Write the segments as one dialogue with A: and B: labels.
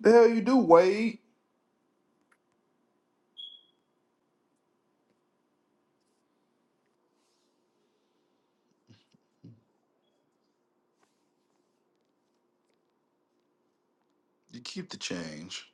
A: The hell you do, Wade? You keep the change.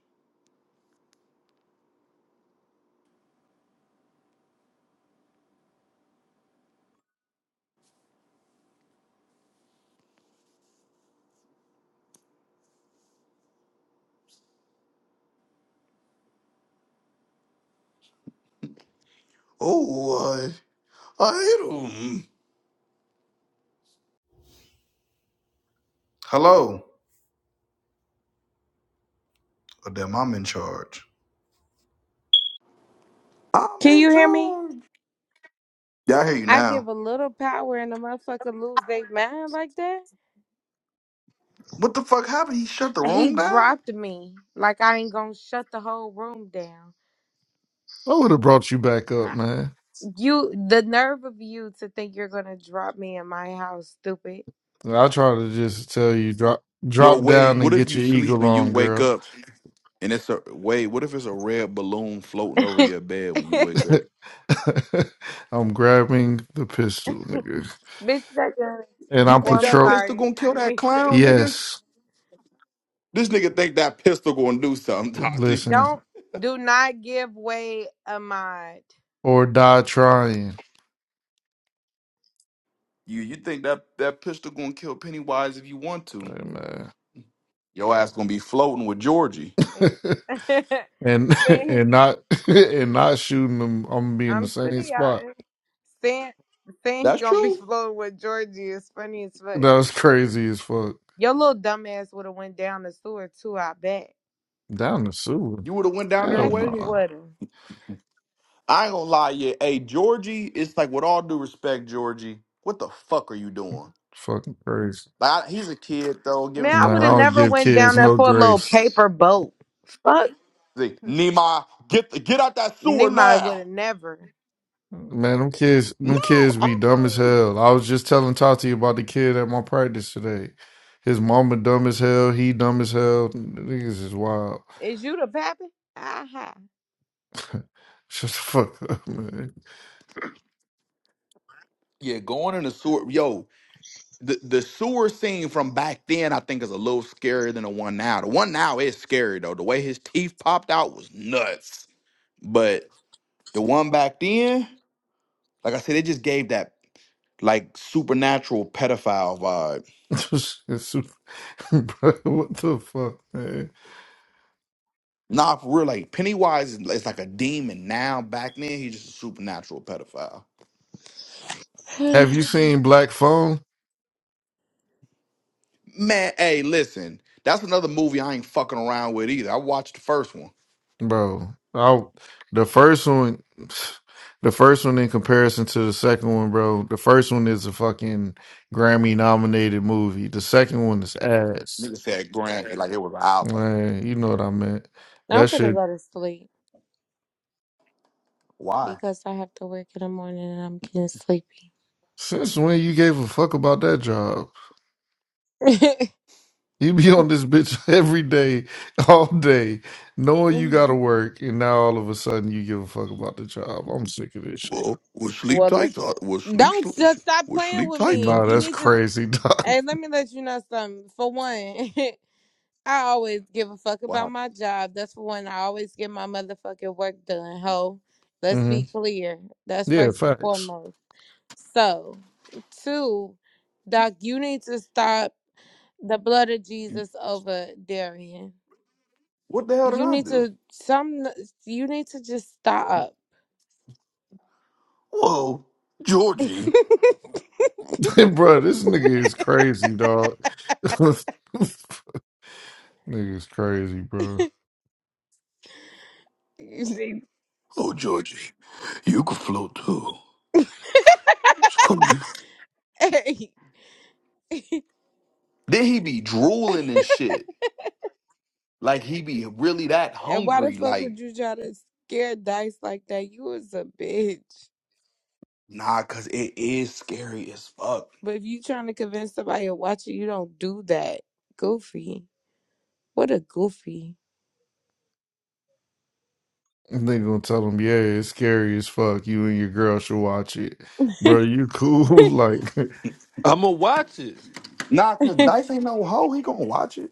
A: Oh, I, I hate him. Hello. Oh, damn, I'm in charge. I'm
B: Can
A: in
B: you hear me?
A: charge. Yeah, I hear you
B: I
A: now.
B: give a little power and a motherfucker lose their mind like that.
A: What the fuck happened? He shut the
B: He
A: room down?
B: dropped me like I ain't gonna shut the whole room down.
C: I would have brought you back up, man.
B: You, the nerve of you to think you're gonna drop me in my house, stupid.
C: I try to just tell you drop
A: Yo,
C: drop
A: Wade,
C: down and
A: what if
C: get
A: you
C: your
A: sleep
C: eagle
A: and you
C: on,
A: wake
C: girl.
A: up and it's a Wade, what if it's a red balloon floating over
B: bitch,
A: your bed when you wake
B: that
A: up?
C: I'm grabbing the pistol, nigga.
B: girl.
C: And
A: You
C: I'm
B: Oh,
A: think
B: I'm
A: that
C: patrol
A: pistol gonna
B: sorry. I
A: kill
B: didn't
A: that
B: mean to say
A: clown,
B: bitch.
A: nigga?
C: yes.
A: This nigga think that pistol gonna do something, Dodgy.
C: Listen.
B: Don't, do not give way a mod.
C: Or die trying.
A: You you think that that pistol gonna kill Pennywise if you want to?
C: Hey, man.
A: Your ass gonna be floating with Georgie.
B: It's-
C: and
B: See?
C: and not and not shooting them, I'm gonna be in the
B: I'm
C: same
B: sitting out
C: spot.
B: and saying saying he
A: That's
B: gonna be
A: true.
B: flowing with Georgie is funny as fuck.
C: That was crazy as fuck.
B: Your little dumbass would have went down the sewer too, I bet.
C: Down the sewer.
A: You would have went down there
C: Hell
B: Yes, he
A: way.
C: nah.
B: would have.
A: I ain't gonna lie, yeah. Hey, Georgie, it's like with all due respect, Georgie, what the fuck are you doing?
C: Fucking crazy.
A: Like, I- he's a kid though. Give him
B: Man, I
A: some
C: Nah,
B: would have
C: I don't
B: never
A: grace.
C: give
B: went down
C: kids
B: there
C: no
B: for a little
C: grace.
B: paper boat. Fuck,
A: See, Nima, get the, get out that sewer
B: Nima would
A: now.
B: have never.
C: Man, them kids,
A: No,
C: them
A: I
C: kids be
A: don't
C: dumb as
A: know you.
C: hell. I was just telling Tati about the kid at my practice today. His mama dumb as hell. He dumb as hell. Niggas is wild.
B: Is you the pappy? Aha.
C: Shut the fuck up, man.
A: Yeah, going in the sewer, yo. The the sewer scene from back then, I think, is a little scarier than the one now. The one now is scary though. The way his teeth popped out was nuts. But the one back then. Like I said, it just gave that like supernatural pedophile vibe.
C: It's super- Bro, what the fuck, man?
A: Nah, for real, like Pennywise is is like a demon now. Back then, he's just a supernatural pedophile.
C: Have you
B: I'm
C: seen Black Phone,
A: Man, hey, listen, that's another movie I ain't fucking around with either. I watched the first one.
C: bro? I, the first one, the first one in comparison to the second one, bro. The first one is a fucking Grammy nominated movie. The second one is ass.
A: Nigga said Grand like it was an album.
C: Man, you know what I meant. That
B: finna
C: shit.
B: go to sleep
A: Why?
B: because I have to work in the morning and I'm getting sleepy.
C: Since when you gave a fuck about that job? You be on this bitch every day, all day, knowing you gotta work, and now all of a sudden you give a fuck about the job. I'm sick of this shit.
A: Well, well, sleep
B: well, li-
A: tight, Ta- well, sleep,
B: don't just stop
A: well,
B: playing
A: sleep
B: with
A: tight,
B: me.
C: Nah,
B: You
A: Tati.
C: that's
B: need to
C: crazy, dog.
B: Hey, let me let you know something. For one, I always give a fuck
A: What
B: about my job. That's for one. I always get my motherfucking work done, ho. Let's
C: hmm
B: be clear. That's
C: Yeah,
B: first and
C: facts.
B: foremost. So, two, Doc, you need to stop the blood of
A: happened?
B: Jesus over Darian.
A: What the hell did
B: You
A: I
B: need
A: do?
B: to some. You need to just stop.
A: Whoa, Georgie.
C: bro, this nigga is crazy, dog. Nigga's crazy, bro.
B: You
A: Oh, Georgie, you can float too.
B: need-
A: Then he be drooling and shit. Like he be really that
B: And why the
A: hungry.
B: fuck
A: Like,
B: would you try to scare Dice like that? You was a bitch.
A: nah, cause it is scary as fuck.
B: But if you trying to convince somebody to watch it, you don't do that. Goofy. What a goofy.
C: And they gonna tell him, yeah, it's scary as fuck. You and your girl should watch it. Bro, you cool? like,
D: I'm gonna watch it
A: Nah, cause Dice ain't no hoe. He gonna watch it.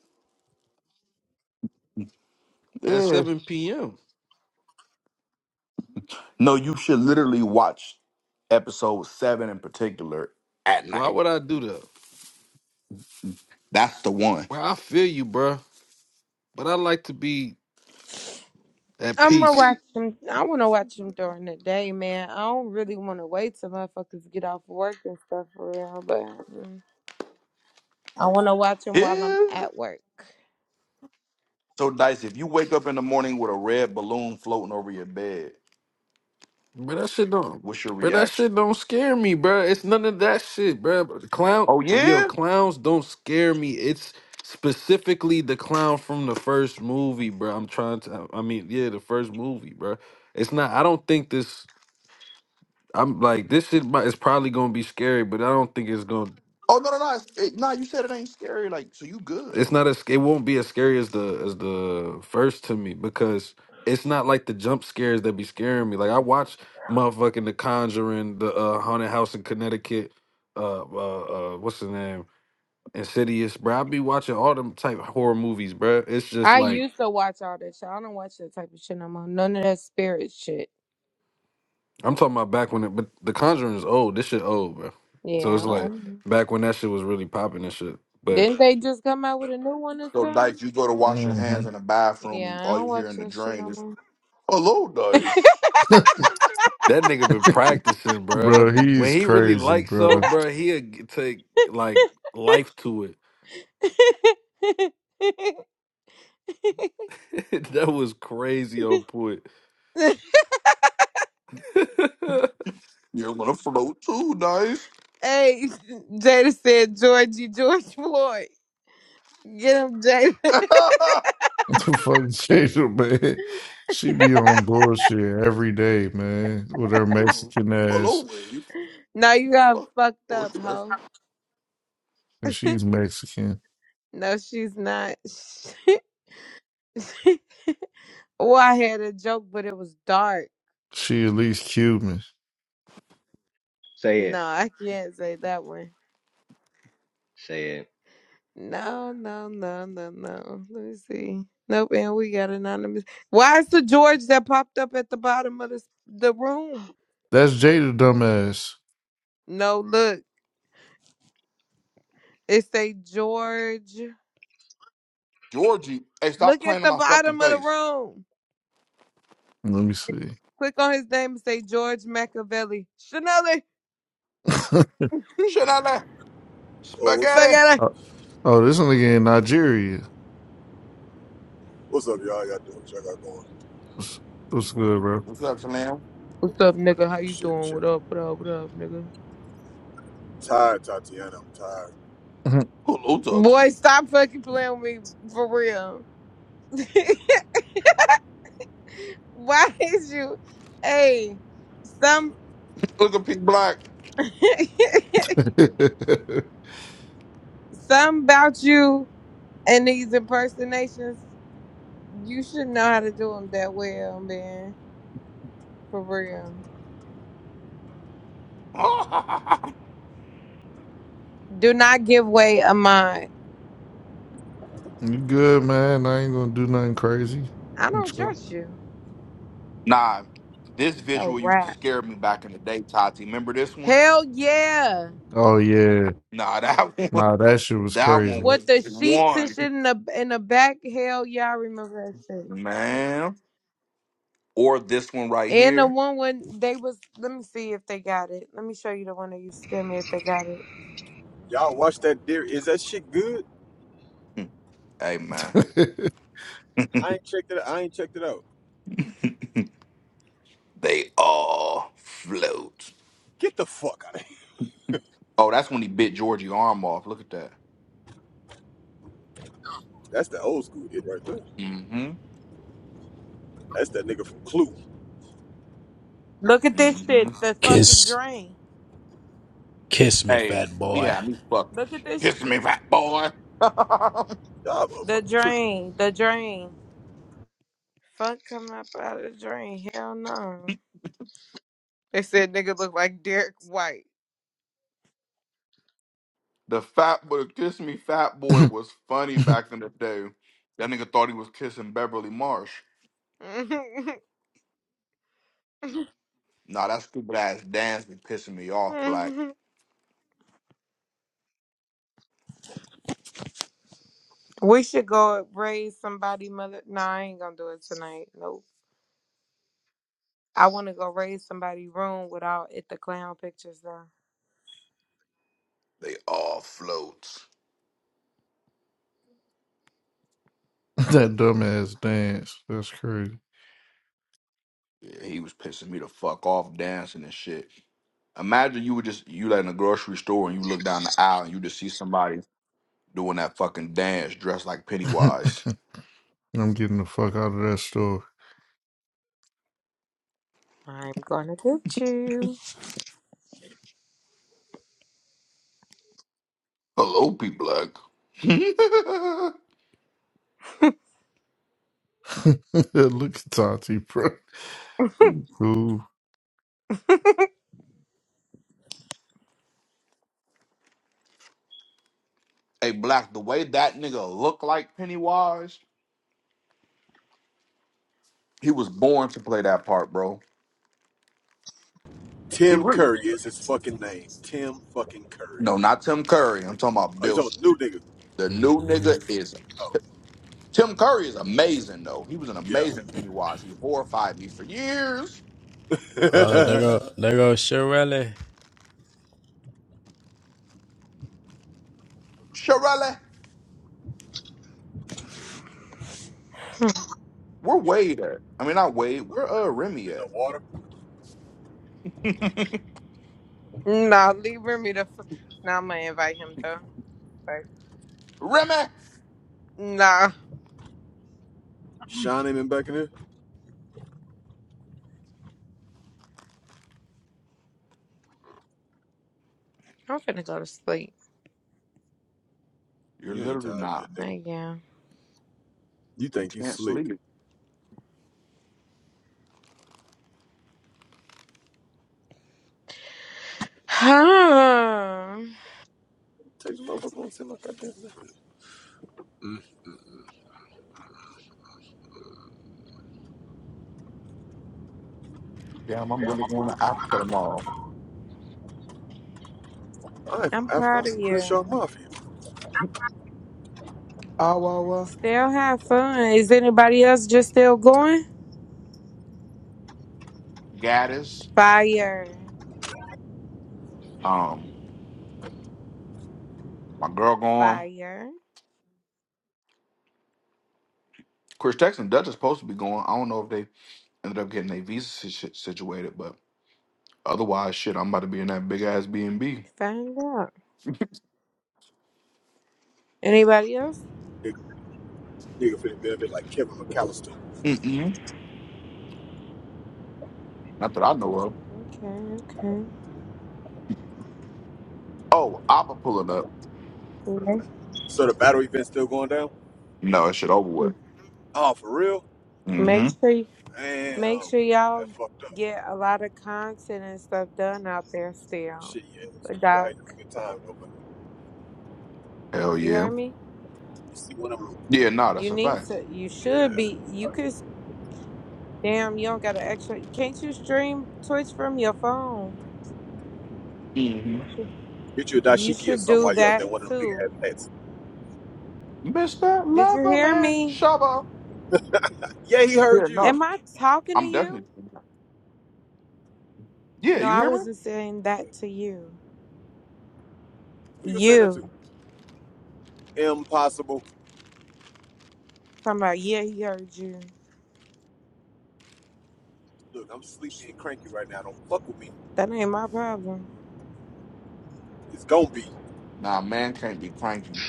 D: at
A: Yeah.
D: 7 p.m.
A: No, you should literally watch episode seven in particular at
D: Why
A: night.
D: would I do that?
A: That's the one.
D: Bro, I feel you, bro. But I like to be at
B: I'm gonna
D: peace.
B: watch him. I want to watch him during the day, man. I don't really want to wait till motherfuckers get off work and stuff for real, but mm, I want to watch him while I'm
A: Yeah.
B: at work.
A: So Dice, if you wake up in the morning with a red balloon floating over your bed,
D: But that shit don't.
A: what's your
D: Bro, that
A: reaction?
D: shit don't scare me, bro. It's none of that shit, bro. Clown,
A: Oh
D: yo,
A: yeah?
D: clowns don't scare me. It's specifically the clown from the first movie, bro. I'm trying to. I mean, yeah, the first movie, bro. It's not. I don't think this. I'm like this shit mi- is probably gonna be scary, but I don't think it's gonna
A: Oh no no no. It's- It, nah, you said it ain't scary. Like, so you good.
D: it's not as it won't be as scary as the as the first to me because it's not like the jump scares that be scaring me. Like I watch motherfucking The Conjuring, the uh, Haunted House in Connecticut, uh, uh, uh what's the name, Insidious, bro. I be watching all them type horror movies, bro. It's just
B: I
D: like
B: used to watch all that shit. I don't watch that type of shit no more. None of that spirit shit.
D: I'm talking about back when it, but The Conjuring is old. This shit old, bro. So
B: Yeah.
D: it's
B: I-
D: like back when that shit was really popping and shit. but.
B: Didn't they just come out with a new one or
A: So
B: something?
A: Dice, you go to wash your hands
C: Mhm.
A: in the bathroom,
B: Yeah, I
A: all
B: don't
A: you hear
B: watch
A: in the
B: that shit
A: drain
B: no
A: is,
B: more.
A: Hello, Dice.
D: That nigga been practicing, bruh.
C: Bro,
D: When
C: he's
D: he really
C: crazy,
D: likes something,
C: bro.
D: bruh, he'll g- take like life to it. that was crazy on point.
A: You're gonna float too, Dice.
B: hey, Jada said Georgie, George Floyd. Get him, Jada.
C: The fuck Jada, man. She be on bullshit every day, man, with her
A: Hello,
C: Mexican ass.
A: Wade.
B: no, you got
A: Or
B: fucked up,
A: should I-
B: hoe.
C: And she's Mexican.
B: No, she's not. well, I had a joke, but it was dark.
C: She at least Cuban.
B: No, I can't say that one. No, no, no, no, no. Let me see. Nope, and we got anonymous. Why is the George that popped up at the bottom of the the room?
C: That's Jada dumbass.
B: No, look. It say George.
A: Georgie, hey, stop
B: Look at
A: playing in
B: the
A: my fucking
B: bottom of the
A: face.
B: room.
C: Let me see.
B: Click on his name and say George Machiavelli. Chanelli.
A: Shit out there.
E: Oh, what's,
A: Spaghetti.
B: Spaghetti.
C: oh, oh, this one again, Nigeria.
E: what's up, y'all? Y'all doing? What y'all got going?
C: What's, what's good, bro?
A: What's up, Slam?
B: What's up, nigga? How you
E: Shit,
B: doing? What
E: chilling.
B: up? What up? What up, nigga?
E: Tired, Tatiana. I'm tired.
A: Hello, Tati.
B: Boy, stop fucking playing with me for real. Why is you? Hey, some.
A: Look at Pink Black.
B: Something about you and these impersonations, you should know how to do them that well, man. For real. Do not give way a mind.
C: you good, man? I ain't gonna do nothing crazy.
B: I
C: I'm
B: don't
C: chill.
B: trust you.
A: nah, this
B: It's a
A: visual used to
B: wrap.
A: scare me back in the day, Tati. Remember this one?
B: Hell yeah.
C: Oh yeah.
A: Nah, that one.
C: Nah, that shit was
A: That one
C: crazy.
A: was
B: With the sheets and
A: one.
B: shit in the in the back, hell yeah, I remember that shit.
A: Man. or this one right
B: And the
A: here.
B: one when they was let me see if they got it. Let me show you the one that you sent me if they got it.
E: Y'all watch that deer. Is that shit good?
A: hmm, Hey man,
E: I ain't checked it. Out. I ain't checked it out.
A: they all float.
E: Get the fuck out of here.
A: Oh, that's when he bit Georgie arm off. Look at that.
E: That's the old school hit right there.
A: Mm-hmm.
E: That's that nigga from Clue.
B: Look at this
A: Mm-hmm.
B: shit, the fucking
F: Kiss,
B: drain.
F: kiss me,
A: Hey,
F: fat
A: he
F: boy.
A: had me fuck.
B: Look at this
A: Kiss me, fat boy. the
E: Y'all
B: the
E: motherfuckers tripping.
B: drain, the drain. Fuck come up out of the drain. Hell no. They said nigga look like Derek White.
A: fat boy, kiss me, fat boy was funny back in the day. That nigga thought he was kissing Beverly Marsh. Nah, that stupid ass dance been pissing me off, black.
B: we should go raise somebody mother. Nah, I ain't gonna do it tonight. Nope. I want to go raise somebody room without it the clown pictures though.
A: They all float.
C: That dumbass dance. That's crazy.
A: Yeah, he was pissing me the fuck off dancing and shit. Imagine you were just you like in a grocery store and you look down the aisle and you just see somebody doing that fucking dance dressed like
C: I'm
A: Pennywise.
C: getting the fuck out of that store.
B: I'm gonna get you.
A: Hello, P Black. hey
C: Look at Tati, bro. You Cool.
A: Black, the way that nigga looked like Pennywise, he was born to play that part, bro. He
E: Tim
A: really
E: Curry is his fucking name. Tim fucking Curry.
A: No, not Tim Curry. I'm talking about
E: Oh, you
A: Bill.
E: talking new nigga?
A: The new
F: hmm
A: nigga is
E: Oh,
A: Tim Curry is amazing though. He was an
E: yeah.
A: amazing Pennywise. He horrified me for years.
F: Oh, there
E: in
F: go, there go Shirley.
A: Shirley, we're Wade at. I mean not Wade, we're uh Remy
E: the
A: at.
E: water.
B: Nah, leave me the. F- nah, I'm gonna invite him though. Like,
A: Remy!
B: nah,
E: Shine him in back in there.
B: I'm finna go to sleep.
A: You're
E: You ain't
A: literally
E: tired,
A: not.
E: yet, nigga.
B: Thank you.
E: You
A: You
E: think you
A: can't
E: slick?
A: sleep.
E: Take the motherfucker and send my goddamn. Mm.
A: Damn, I'm really going after them all.
E: I am from
B: I'm
E: Africa.
B: proud
E: I'm from
B: of
E: Crenshaw
B: you.
E: Mafia.
A: Awawa,
B: Still have fun. Is anybody else just still going?
A: Gaddis,
B: Fire.
A: um, my girl going.
B: Fire.
A: Chris Texas and Dutch is supposed to be going. I don't know if they ended up getting their visa si- shit situated, but otherwise, shit, I'm about to be in that big ass B and B.
B: Find out. Anybody else?
E: Nigga, nigga finna benefit like Kevin McAllister.
A: Mm-mm. Not that I know of.
B: Okay, okay.
A: Oh, Oppa pulling up.
B: Make,
E: So the battle event's still going down?
A: No, that shit over with.
E: Oh, for real?
B: make
A: Mm-hmm.
B: sure you-
E: Damn.
B: make sure y'all
E: That fucked up.
B: get a lot of content and stuff done out there
E: Oh,
B: still.
E: Shit, yeah. You I
B: Doc,
E: had a good time, though, but
A: Hell
B: you
A: yeah.
B: heard me?
E: you see one of them.
A: Yeah, no, that's
B: You
A: a
B: need
A: fact.
B: to you should
E: Yeah.
B: be you could s- damn you don't got an extra can't you stream Twitch from your phone? You
A: Mm-hmm.
B: should
E: Get you a
B: you
E: dashiki or
B: should
E: something
B: do
E: while you're out
B: that
E: there, one of them big
B: too.
E: ass hats.
A: Mr.
B: Did you hear
A: Loverman,
B: me?
A: Shava.
E: Yeah, he
A: Yeah,
E: heard you.
A: no,
B: Am I talking to
A: I'm
B: you?
A: definitely. Yeah,
B: No,
A: you
E: She
B: I
A: hear me?
E: talking
B: wasn't saying
E: to
B: that to you.
E: Who you saying that to?
B: You.
E: Impossible.
B: Talking about, yeah, he heard you.
E: Look, I'm sleepy and cranky right now. Don't fuck with me.
B: That ain't my problem.
E: It's gonna be
A: Nah, man can't be cranky.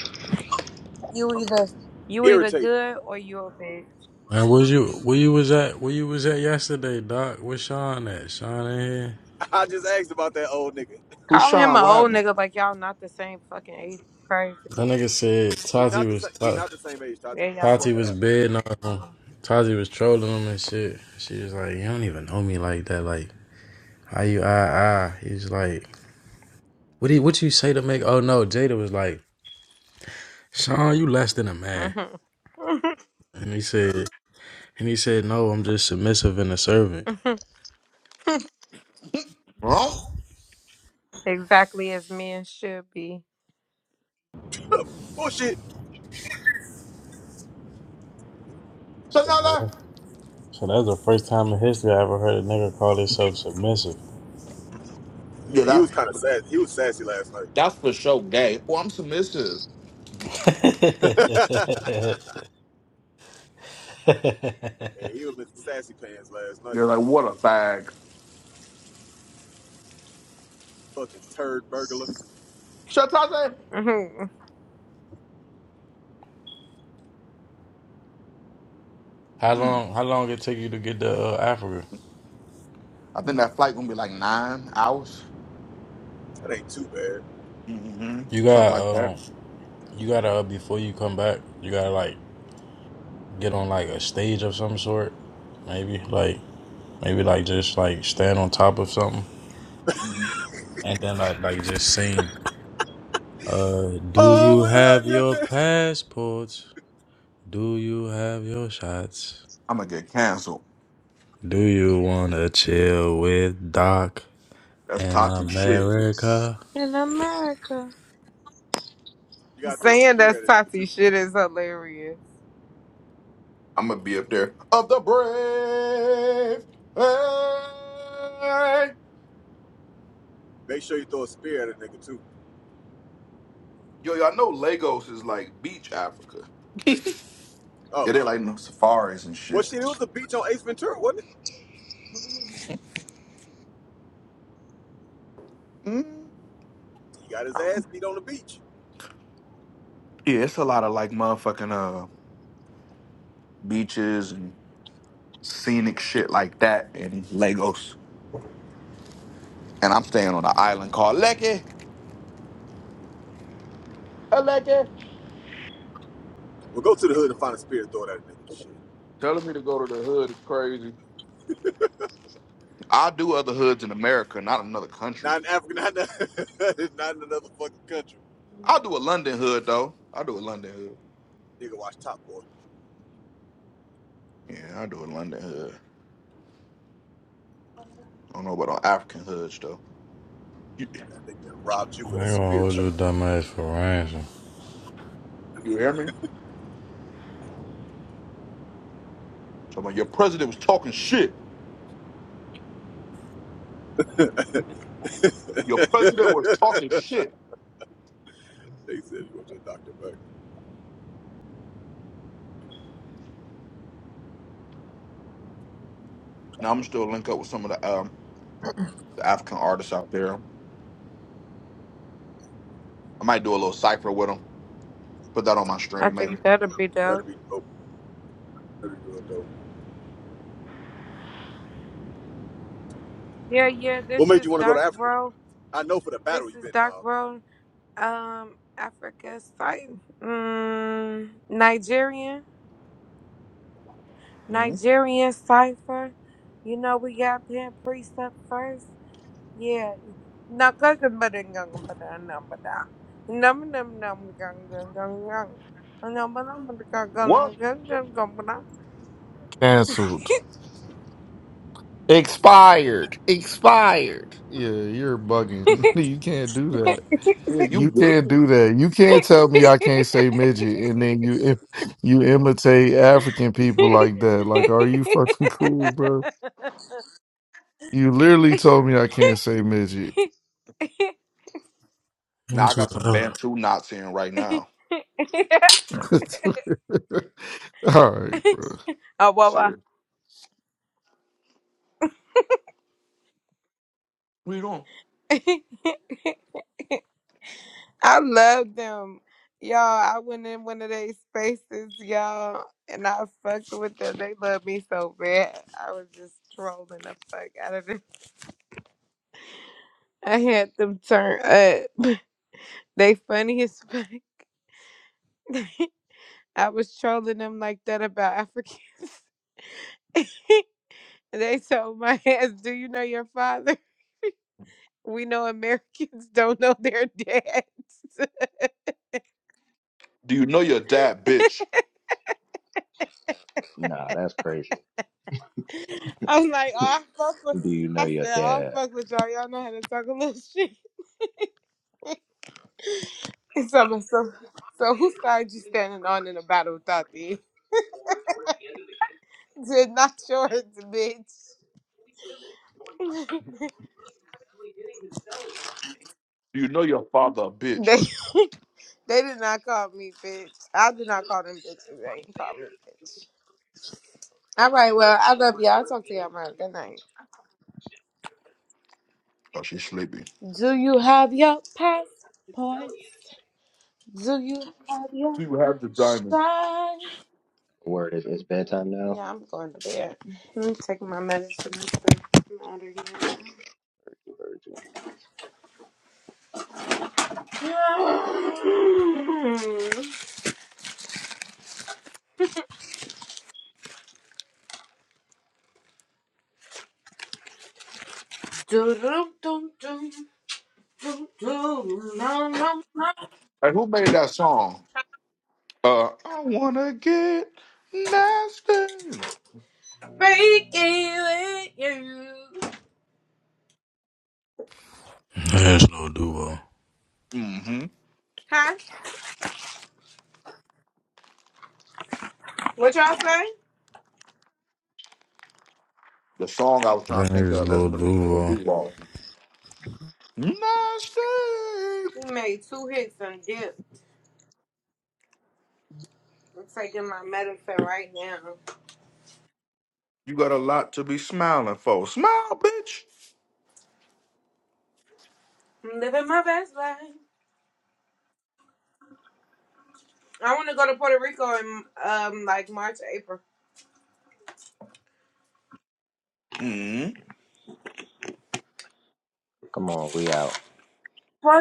B: You either you either
E: irritating.
B: good or you a bitch.
F: Man, where you where you was at where you was at yesterday, Doc? Where Sean at? Sean in here?
E: I just asked about that old nigga.
A: Who's
B: Calling him
A: Sean?
B: an
A: What
B: old
A: happened?
B: nigga like y'all not the same fucking age. is Crazy.
F: That nigga said
E: We
F: Tati
E: not the
F: was
E: same. We
F: Ta-
E: not the same age, Tati. I
B: Yeah, y'all
E: swear
F: Tati
E: to
F: was
E: God.
F: bidding on him. Tati was trolling him and shit. She was like, You don't even know me like that. Like, how you ah ah? He was like, What do you, what you say to make oh no, Jada was like, Sean, you less than a man.
B: are.
F: And he said and he said, No, I'm just submissive and a servant.
B: hmm
A: Wrong.
B: exactly as men should be.
E: Bullshit.
F: I said,
A: Another?
F: brother. So that's the first time in history I ever heard a nigga call himself submissive.
A: Yeah,
E: And he
A: that's
E: was kind of sassy. He was sassy last night.
A: that's for sure gay. Oh, I'm submissive.
E: and he was Mr. Sassy Pants last night.
A: You're like, what a fag.
E: Fucking turd burglar.
A: Shut up, man.
B: Mhm.
F: how
A: Mm.
F: long? How long it take you to get to uh, Africa?
A: I think that flight gonna be like nine hours.
E: That ain't too bad.
A: Mm-hmm.
F: You
A: Something
F: got
A: like that.
F: um, you gotta uh, before you come back, you gotta like get on like a stage of some sort, maybe like maybe like just like stand on top of something
A: hmm
F: and then like like just sing. Uh, do
E: Oh,
F: you
E: well,
F: have
E: yeah,
F: your
E: yeah.
F: passports? Do you have your shots?
A: I'm gonna get canceled.
F: Do you wanna chill with Doc
A: That's
F: in
A: toxic shit.
F: America?
B: In America.
E: You gotta throw a
B: Saying
E: spear
B: that's
E: at a nigga
B: Tati
E: too.
B: shit is hilarious.
A: I'm gonna be up there. Of the brave. Hey.
E: Make sure you throw a spear at a nigga too.
A: Yo, y'all know Lagos is like beach Africa. Yeah,
E: Oh,
A: they like no safaris and
E: well, shit, it
A: shit.
E: was a beach on Ace Ventura, wasn't it? He got his ass beat on the beach.
A: Yeah, it's a lot of like motherfucking uh beaches and scenic shit like that in Lagos. And I'm staying on an island called Lekki. Aleke.
E: Well, go to the hood and find a spear and throw it at a nigga. Shit.
A: Telling me to go to the hood is crazy. I'll do other hoods in America, not another country.
E: Not in Africa, not in, not in another fucking country.
A: I'll do a London hood though. I'll do a London hood.
E: Nigga, watch Top Boy.
A: Yeah, I'll do a London hood. I don't know about on African hoods though. You,
E: That nigga done robbed you
F: I ain't
E: with a
F: gonna
E: spear
F: hold
E: chucker.
F: your dumb ass for ransom.
A: you hear me? So like, your president was talking shit.
E: they
A: Your
E: said
A: president was talking shit.
E: you want your doctor back.
A: Now I'm still link up with some of the um the African artists out there. I might do a little cipher with them. Put that on my
B: I
A: stream, maybe.
B: think that'll be
E: That'll
B: dope.
E: be dope.
B: Yeah, yeah,
E: What
B: this
E: made you
B: is
E: want to go to
B: Doc
E: Africa?
B: Rowe.
E: I know for the battle
B: This
E: you've
B: is
E: been.
B: Dark
E: uh,
B: World. Um, Africa Cypher. Mm, Nigerian.
A: hmm
B: Nigerian Cypher. You know, we got Pimp Priest up first. Yeah. No, cooking but in gung but a number down. Num num num gung gung gung gung. A number number gung
A: What?
B: gung gung gung gung but
C: Cancelled. Expired. Expired. Yeah, you're bugging. You can't do that.
A: Yeah, you
C: You
A: good?
C: can't do that. You can't tell me I can't say midget and then you im- you imitate African people like that. Like, are you fucking cool, bro? You literally told me I can't say midget.
A: Now
F: One
A: I
F: two
A: got some
F: five.
A: Bantu knots in right now.
C: All right, bro.
B: Oh, Wawa.
A: Serious. What you doing?
B: I love them. Y'all, I went in one of their spaces, y'all, and I fucked with them. They love me so bad. I was just trolling the fuck out of them. I had them turn up. They funny as fuck. I was trolling them like that about Africans. they told my ass, Do you know your father? We know Americans don't know their dads.
A: Do you know your dad, bitch?
B: I'm like, oh, I fuck with. I said, oh, I fuck with y'all. Y'all know how to talk a little shit. So, so, so who started you standing on in a battle without thee? Did not yours, bitch.
A: Do you know your father,
B: They
A: bitch?
B: they did not call me bitch. I did not call
G: Simmons.
B: them bitches.
G: then
B: They
G: Miles
B: ain't call me
G: Sanders by Julian
B: bitch.
G: perfect play
B: All
G: celebration.
B: right, well, I love
G: Forward
B: y'all. I'll
G: towards
B: talk
G: the
B: to
G: end
B: y'all
G: of the
B: tomorrow.
G: game.
B: Good night.
G: Touchdown. I
A: Oh,
G: think
A: she's
G: Simmons
A: sleepy.
B: Do you have your
G: right up to him. and Savagely hit his
B: passports?
G: celly in his face.
B: Do you have
A: Do
B: your
A: you have the diamond?
B: shine? Yeah, I'm going to bed. Let me take my medicine. I'm out of here. Do-do-do-do-do-do. No, no, i
A: Hey, who made that song? Uh, I wanna get nasty.
B: breaking with you.
F: That's Lil Duval.
A: Mm-hmm.
B: Huh? What y'all say?
A: The song I was trying
F: That
A: to think
F: nigga's
A: of. That's
F: Lil
A: what it's gonna
F: Duval.
A: do. Wall. Nasty.
B: He made two hits and dipped. I'm taking my medicine right now.
A: You got a lot to be smiling for. Smile, bitch.
B: I'm living my best life. I want to go to Puerto Rico in um like March, April.
A: Mm-hmm.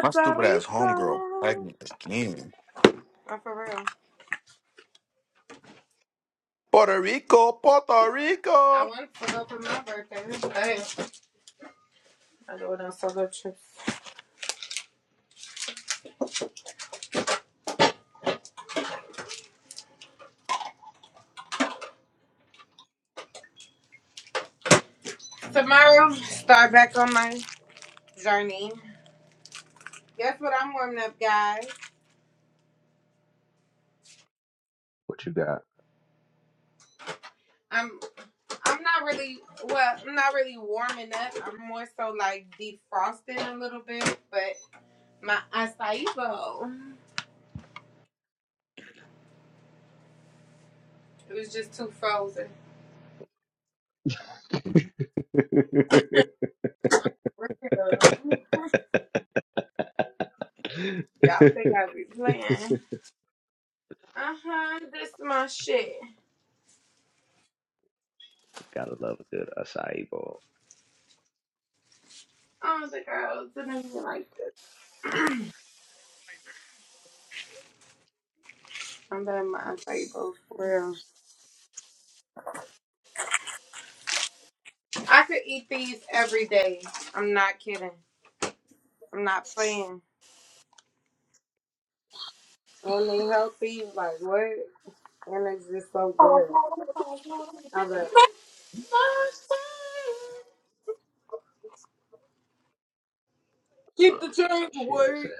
A: My stupid ass
B: Rico.
A: homegirl
B: Oh,
A: pregnant again.
B: for real.
A: Puerto Rico, Puerto
B: I
A: Rico.
B: want to go for my birthday. Hey, I go on solo trips. Tomorrow, start back on my journey. Guess what I'm warming up, guys? I'm I'm not really well. I'm not really warming up. I'm more so like defrosting a little bit. But my acai bowl, it was just too frozen. For real. Y'all think I be playing? Uh huh. This is my shit. I don't think I was gonna like this. I'm done my acai bowl for real. I could eat these every day. I'm not kidding. I'm not playing. And they healthy, like what? And it's just so good. I love it. Keep the change, wait.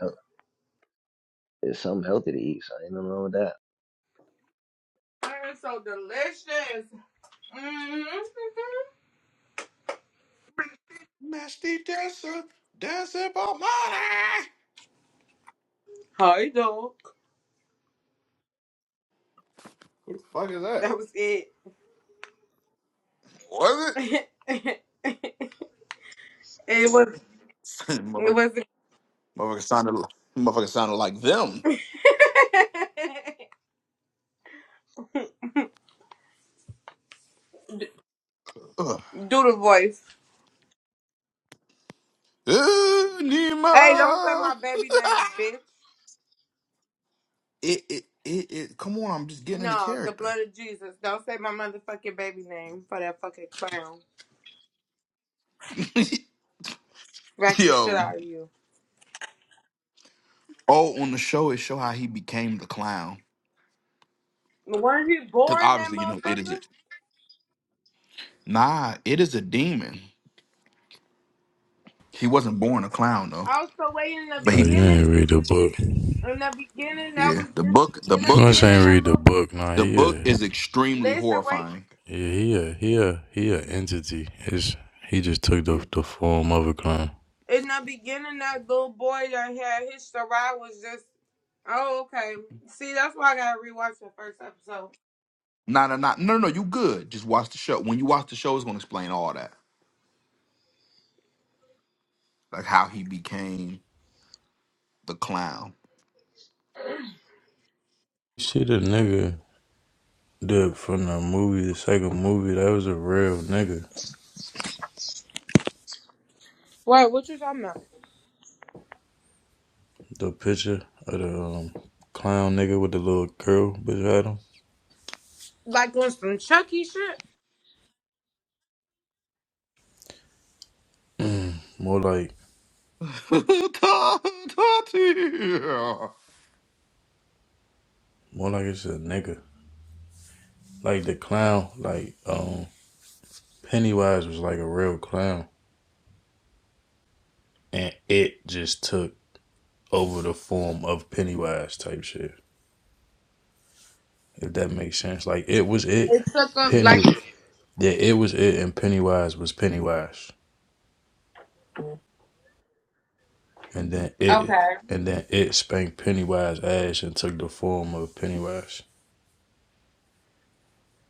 B: And it's so delicious. Mm-hmm.
A: Nasty dancer, dancing for money.
B: Hi, dog.
A: Who the fuck is
B: That
A: that?
B: was it.
A: Was
B: it was.
A: it?
B: It
A: Motherfucker
B: was.
A: motherfucker sounded, li- motherfucker sounded like them.
B: Do
A: Ugh.
B: the voice.
A: Ooh,
B: Hey, don't say
A: Nemo.
B: my baby name, bitch.
A: it, it, it, it, come on, I'm just getting into
B: No, the
A: character.
B: blood of Jesus. Don't say my motherfucking baby name for that fucking clown. Back the shit
A: Yo,
B: out of you.
A: oh, on the show it show how he became the clown.
B: Weren't he
A: Because
B: boring, that
A: obviously, you know, it
B: motherfucker?
A: is. Nah, it is a demon. He wasn't born a clown though,
B: I was so way in the
A: but
F: Oh,
A: he.
F: you
B: beginning.
F: ain't read the book. You
B: In the beginning, that
A: Yeah,
B: was
A: the
B: just
A: book. The
B: in the
A: book
F: must
A: is
B: beginning
F: ain't
A: ex-
B: that
F: read the
B: little
F: book. Nah,
A: the
F: he
A: book
F: a
A: is extremely
B: listen wait.
A: horrifying.
F: yeah, he a he a he a entity. It's he just took
A: Yeah.
F: the the form of a clown.
B: In the beginning, that little boy that had his Sarai was just oh okay. See, that's why I gotta rewatch the first episode.
A: Nah, nah, nah. No, no, no, you good. Just watch the show. When you watch the show, it's gonna explain all that, like how he became the clown.
F: You See the nigga the from the movie, the second movie, that was a real nigga.
B: Wait, what you talking about?
F: The picture of the um, clown nigga with the little girl beside him.
B: Like on some Chucky shit?
F: Mm, more like more like it's a nigga. Like the clown, like um Pennywise was like a real clown. And it just took over the form of Pennywise type shit. If that makes sense. Like it was it.
B: It took up like
F: Penny yeah, it was it and Pennywise was Pennywise. And then it
B: okay,
F: and then it spanked Pennywise ass and took the form of Pennywise.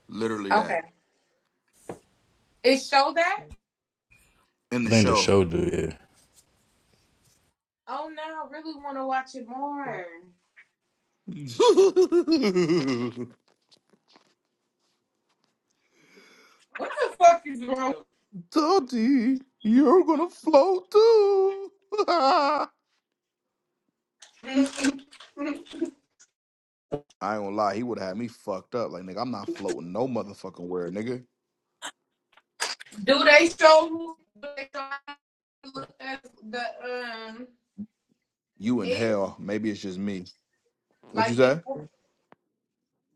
A: Literally that
B: okay. It showed that.
A: in
F: I
A: the
F: think the
A: show.
F: show do, yeah.
B: Oh no, I really want to watch it more. What the fuck is wrong?
A: Tati, you're gonna float too.
B: Do
A: I ain't gonna lie, he would have had me fucked up. Like, nigga, I'm not floating no motherfucking word, nigga.
B: they show who do they show look as the um
A: You in
B: it?
A: hell. Maybe it's just me. What you
B: Like the
A: say?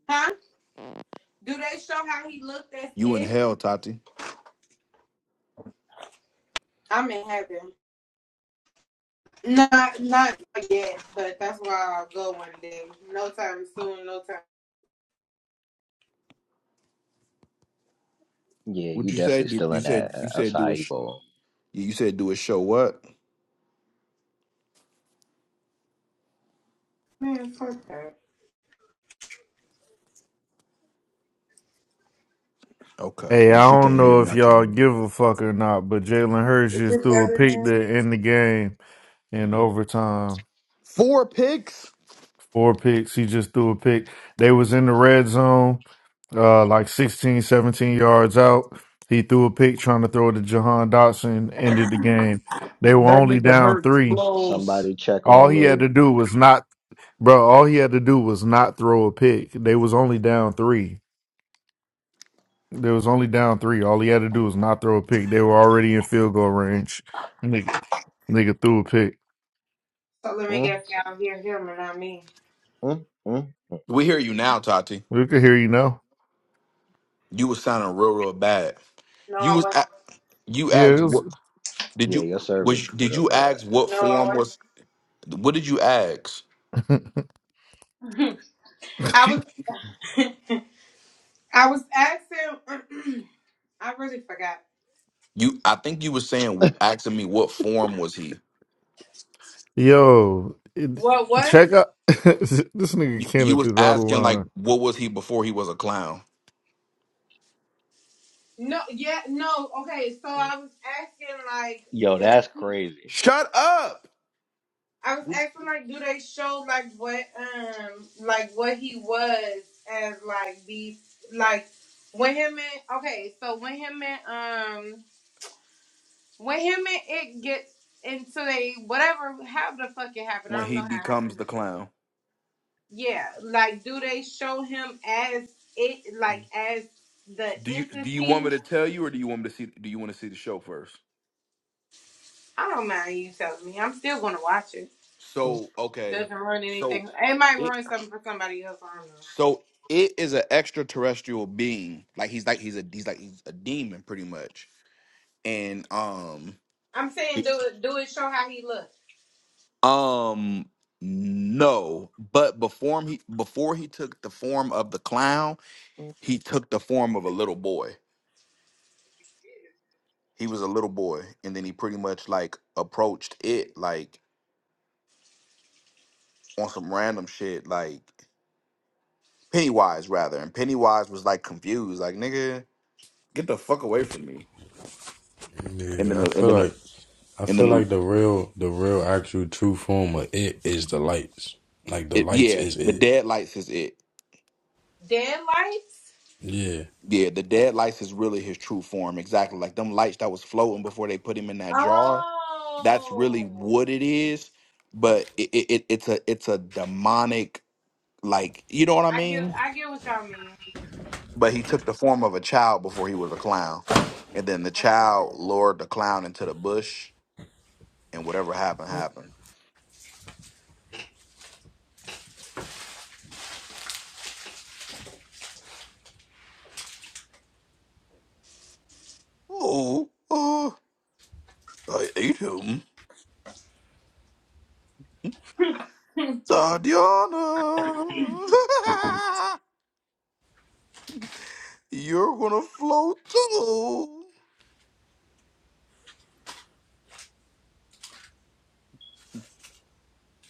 B: huh? Do they show how he looked as
A: You in
B: it?
A: hell, Tati.
B: I'm in heaven. Not not yet, but that's where I'll go one day. No time soon, no time.
A: What you say? Do- You said you said do a. Sh- yeah, you said do a Show what?
B: Man, fuck that.
A: Okay.
C: Hey,
A: Yeah,
C: I
A: she
C: don't
A: can't hear
C: know
A: me.
C: if
A: I can't.
C: y'all
A: hear.
C: give a fuck or not, but Jalen Hurts
B: Is
C: just
B: it
C: threw a
B: better
C: pick to
B: now?
C: end the game in overtime.
A: Four picks.
C: Four picks. He just threw a pick. They was in the red zone, uh, like 16, 17 yards out. He threw a pick trying to throw it to Jahan Dotson, ended the game. They were
A: That
C: only
A: nigga
C: down
A: hurts
C: three.
A: blows.
C: All he had to do was not, bro, all he had to do was not throw a pick. They was only down three. They was only down three. All he had to do was not throw a pick. They were already in field goal range. Nigga, nigga threw a pick.
B: So let me guess y'all hear him and not me.
A: We hear you now, Tati.
C: We could hear you now.
A: You was sounding real, real bad.
B: No,
A: You
B: I
A: was a-
B: wasn't.
A: you
C: Yeah, it
A: asked
C: was.
A: what did you was did you ask what
B: No, I
A: form
B: wasn't.
A: was what did you ask?
B: I was I was asking I really forgot.
A: You, I think you was saying, asking me what form was he.
C: yo, it,
B: What what?
C: check out this nigga
A: You, you
C: Kenneth
A: was
C: is out of
A: asking like,
C: line.
A: what was he before he was a clown?
B: No, yeah, no. Okay, so I was asking like, does he,
A: Shut up.
B: I was
A: Which
B: asking like, do they show like what um like what he was as like these like when him and okay, so when him and um when him and it gets into they whatever how the fuck it happened I
A: when
B: don't
A: he
B: know how it
A: becomes
B: happened.
A: the clown.
B: Yeah, like do they show him as it like as the
A: Do you do you want me
B: entity?
A: to tell you or do you want me to see do you want to see the show first?
B: I don't mind you telling me. I'm still gonna watch it.
A: So okay,
B: Doesn't ruin
A: so
B: anything. It might
A: it
B: ruin something for somebody else. I don't know.
A: so it is an extraterrestrial being. Like he's like he's a he's like he's a demon pretty much. And um,
B: I'm saying do it. Do it. Show how he looks.
A: Um, no, but before he before he took the form of the clown, he took the form of a little boy.
G: It is
A: He was a little boy, and then he pretty much like approached it like on some random shit, like Pennywise rather. And Pennywise was like confused, like nigga, get the fuck away from me. And then
F: Yeah, I
A: and
F: feel
A: then
F: like I
A: and
F: feel
A: then
F: like the real, the real, actual, true form of it is the lights. Like the
A: it,
F: lights
A: yeah,
F: is
A: the
F: it.
A: dead lights is it.
B: Dead lights.
F: Yeah.
A: Yeah, the dead lights is really his true form, exactly like them lights that was floating before they put him in that jar. that's really
B: Oh,
A: what it is but it, it, it- it's a it's a demonic like you know what i
B: I get.
A: mean
B: I get what y'all mean.
A: but he took the form of a child before he was a clown and then the
B: Okay. that makes
A: child lured the clown into the bush and whatever happened
B: sense.
A: happened oh, oh i ate him tatiana you're gonna float too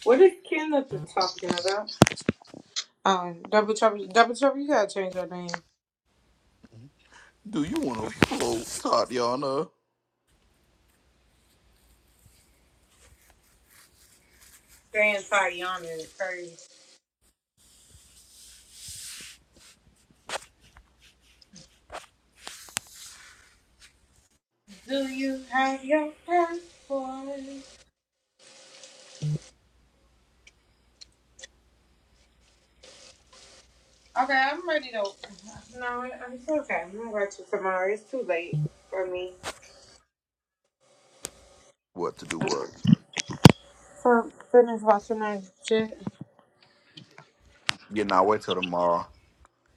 B: What is Kenneth talking about? Um, double trouble, double trouble. You gotta change your name.
A: do you want to float tatiana
B: Saying Tayana is crazy. Do you have your passport? Okay, I'm ready to. No, it- it's okay. I'm gonna watch it tomorrow. It's too late for me.
A: what to do what
B: For finish watching that shit.
A: yeah now wait till tomorrow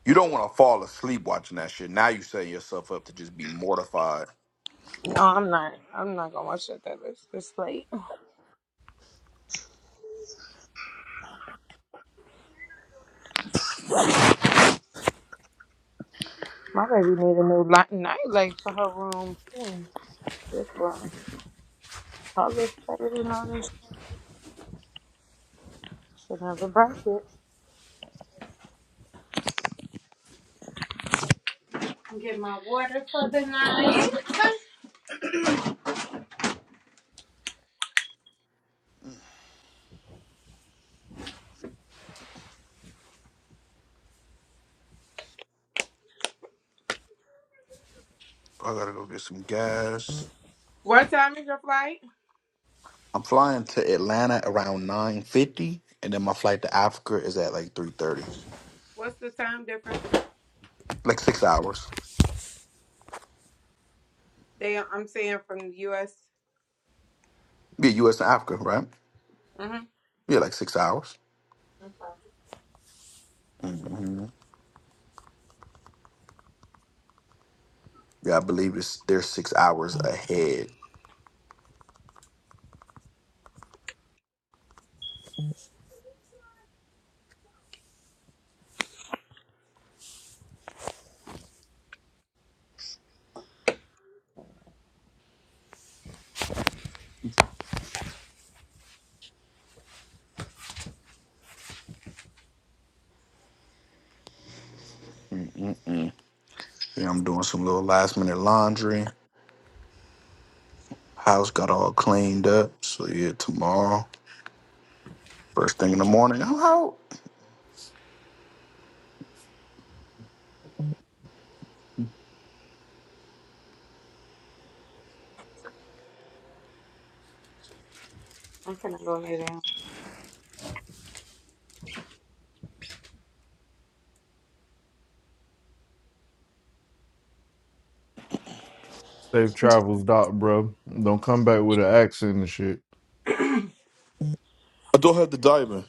A: You don't want to fall asleep watching that shit. Now you set yourself up to just be mortified.
B: No, I'm not. I'm not gonna watch that. That it's this late. My baby need a new light, night light for her room. too. This one, color faded and all this. Should never break it. Get my water for the night.
A: I gotta go get some gas.
B: what time is your flight?
A: I'm flying to Atlanta around 9.50, and then my flight to Africa is at like 3.30.
B: What's the time difference?
A: Like six hours.
B: They, I'm saying from the U.S.
A: Yeah, U.S. and Africa, right?
B: Mm-hmm.
A: Yeah, like six hours. hmm Yeah, I believe it's, they're six hours ahead. Mm-mm. Yeah, I'm doing some little last minute laundry. House got all cleaned up. So yeah, tomorrow, first thing in the morning, I'm out.
B: I'm finna go lay down.
C: Safe travels, doc, bro. Don't come back with an accent and shit.
A: I don't have to dive in.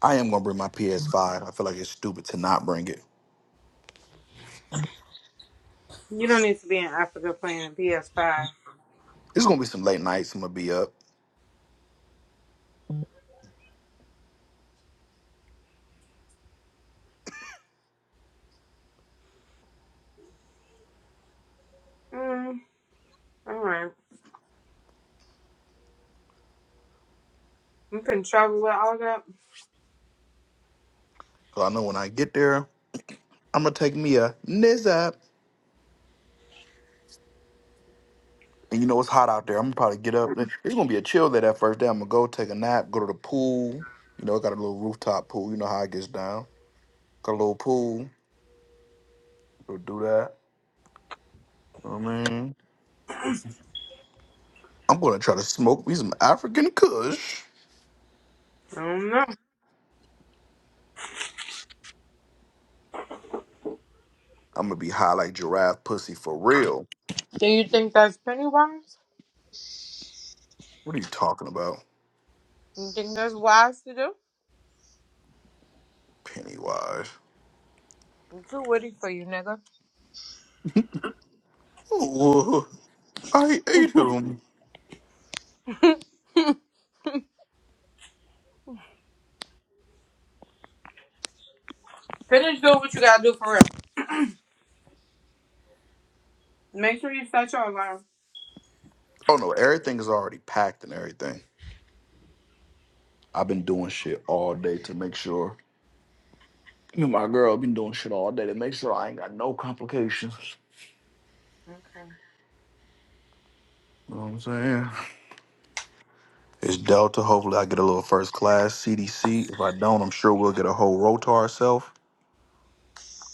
A: I am gonna bring my PS5. I feel like it's stupid to not bring it.
B: You don't need to be in Africa playing PS5.
A: It's gonna be some late nights. I'm gonna be up.
B: Mm, all right. I'm finna travel with all that.
A: So I know when I get there, I'm gonna take me a nizz And you know it's hot out there. I'm gonna probably get up. It's gonna be a chill day that first day. I'm gonna go take a nap, go to the pool. You know, I got a little rooftop pool. You know how it gets down. Got a little pool. Go do that. You know what I mean, I'm gonna try to smoke me some African Kush.
B: I don't know.
A: I'm gonna be high like giraffe pussy for real.
B: Do you think that's penny wise?
A: What are you talking about,
B: You think that's wise to do?
A: Pennywise?
B: I'm too witty for you, nigga.
A: I ate him.
B: Finish doing what you gotta do for real. Make sure you set your alarm.
A: Oh no, everything is already packed and everything. I've been doing shit all day to make sure. Me and my girl been doing shit all day to make sure I ain't got no complications.
B: Okay.
A: You know what I'm saying? It's Delta. Hopefully, I get a little first class CDC. If I don't, I'm sure we'll get a whole row to ourselves.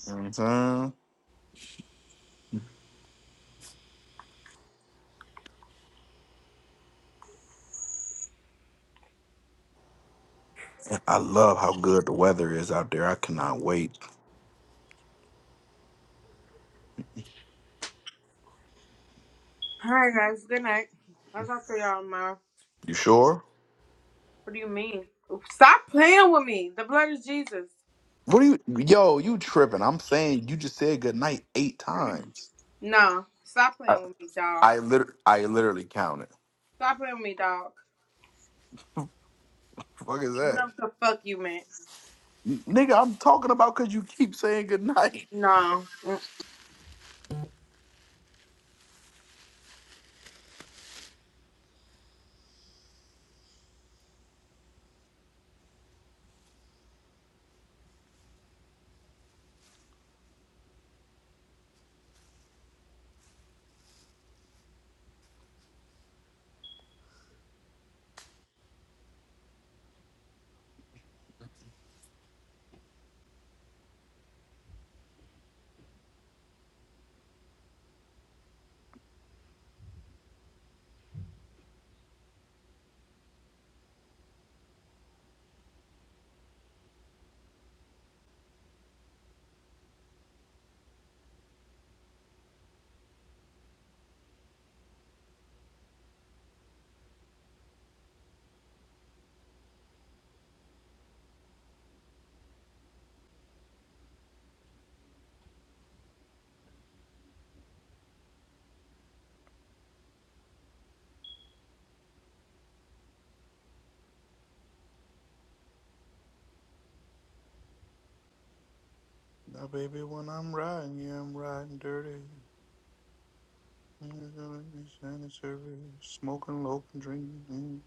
A: You know what I'm saying? And I love how good the weather is out there. I cannot wait.
B: Alright, guys. Good night. I'll talk to y'all tomorrow.
A: You sure?
B: What do you mean? Stop playing with me. The blood is Jesus.
A: What are you? Yo, you tripping? I'm saying you just said good night eight times.
B: No. Stop
A: I
B: playing with me, dog.
A: I, liter- I literally counted.
B: Stop playing with me, dog.
A: Fuck is that?
B: No, the fuck you meant.
A: Nigga, I'm talking about cause you keep saying goodnight.
B: No.
A: Now baby, when I'm riding, yeah, I'm riding dirty. Smoking low drinking.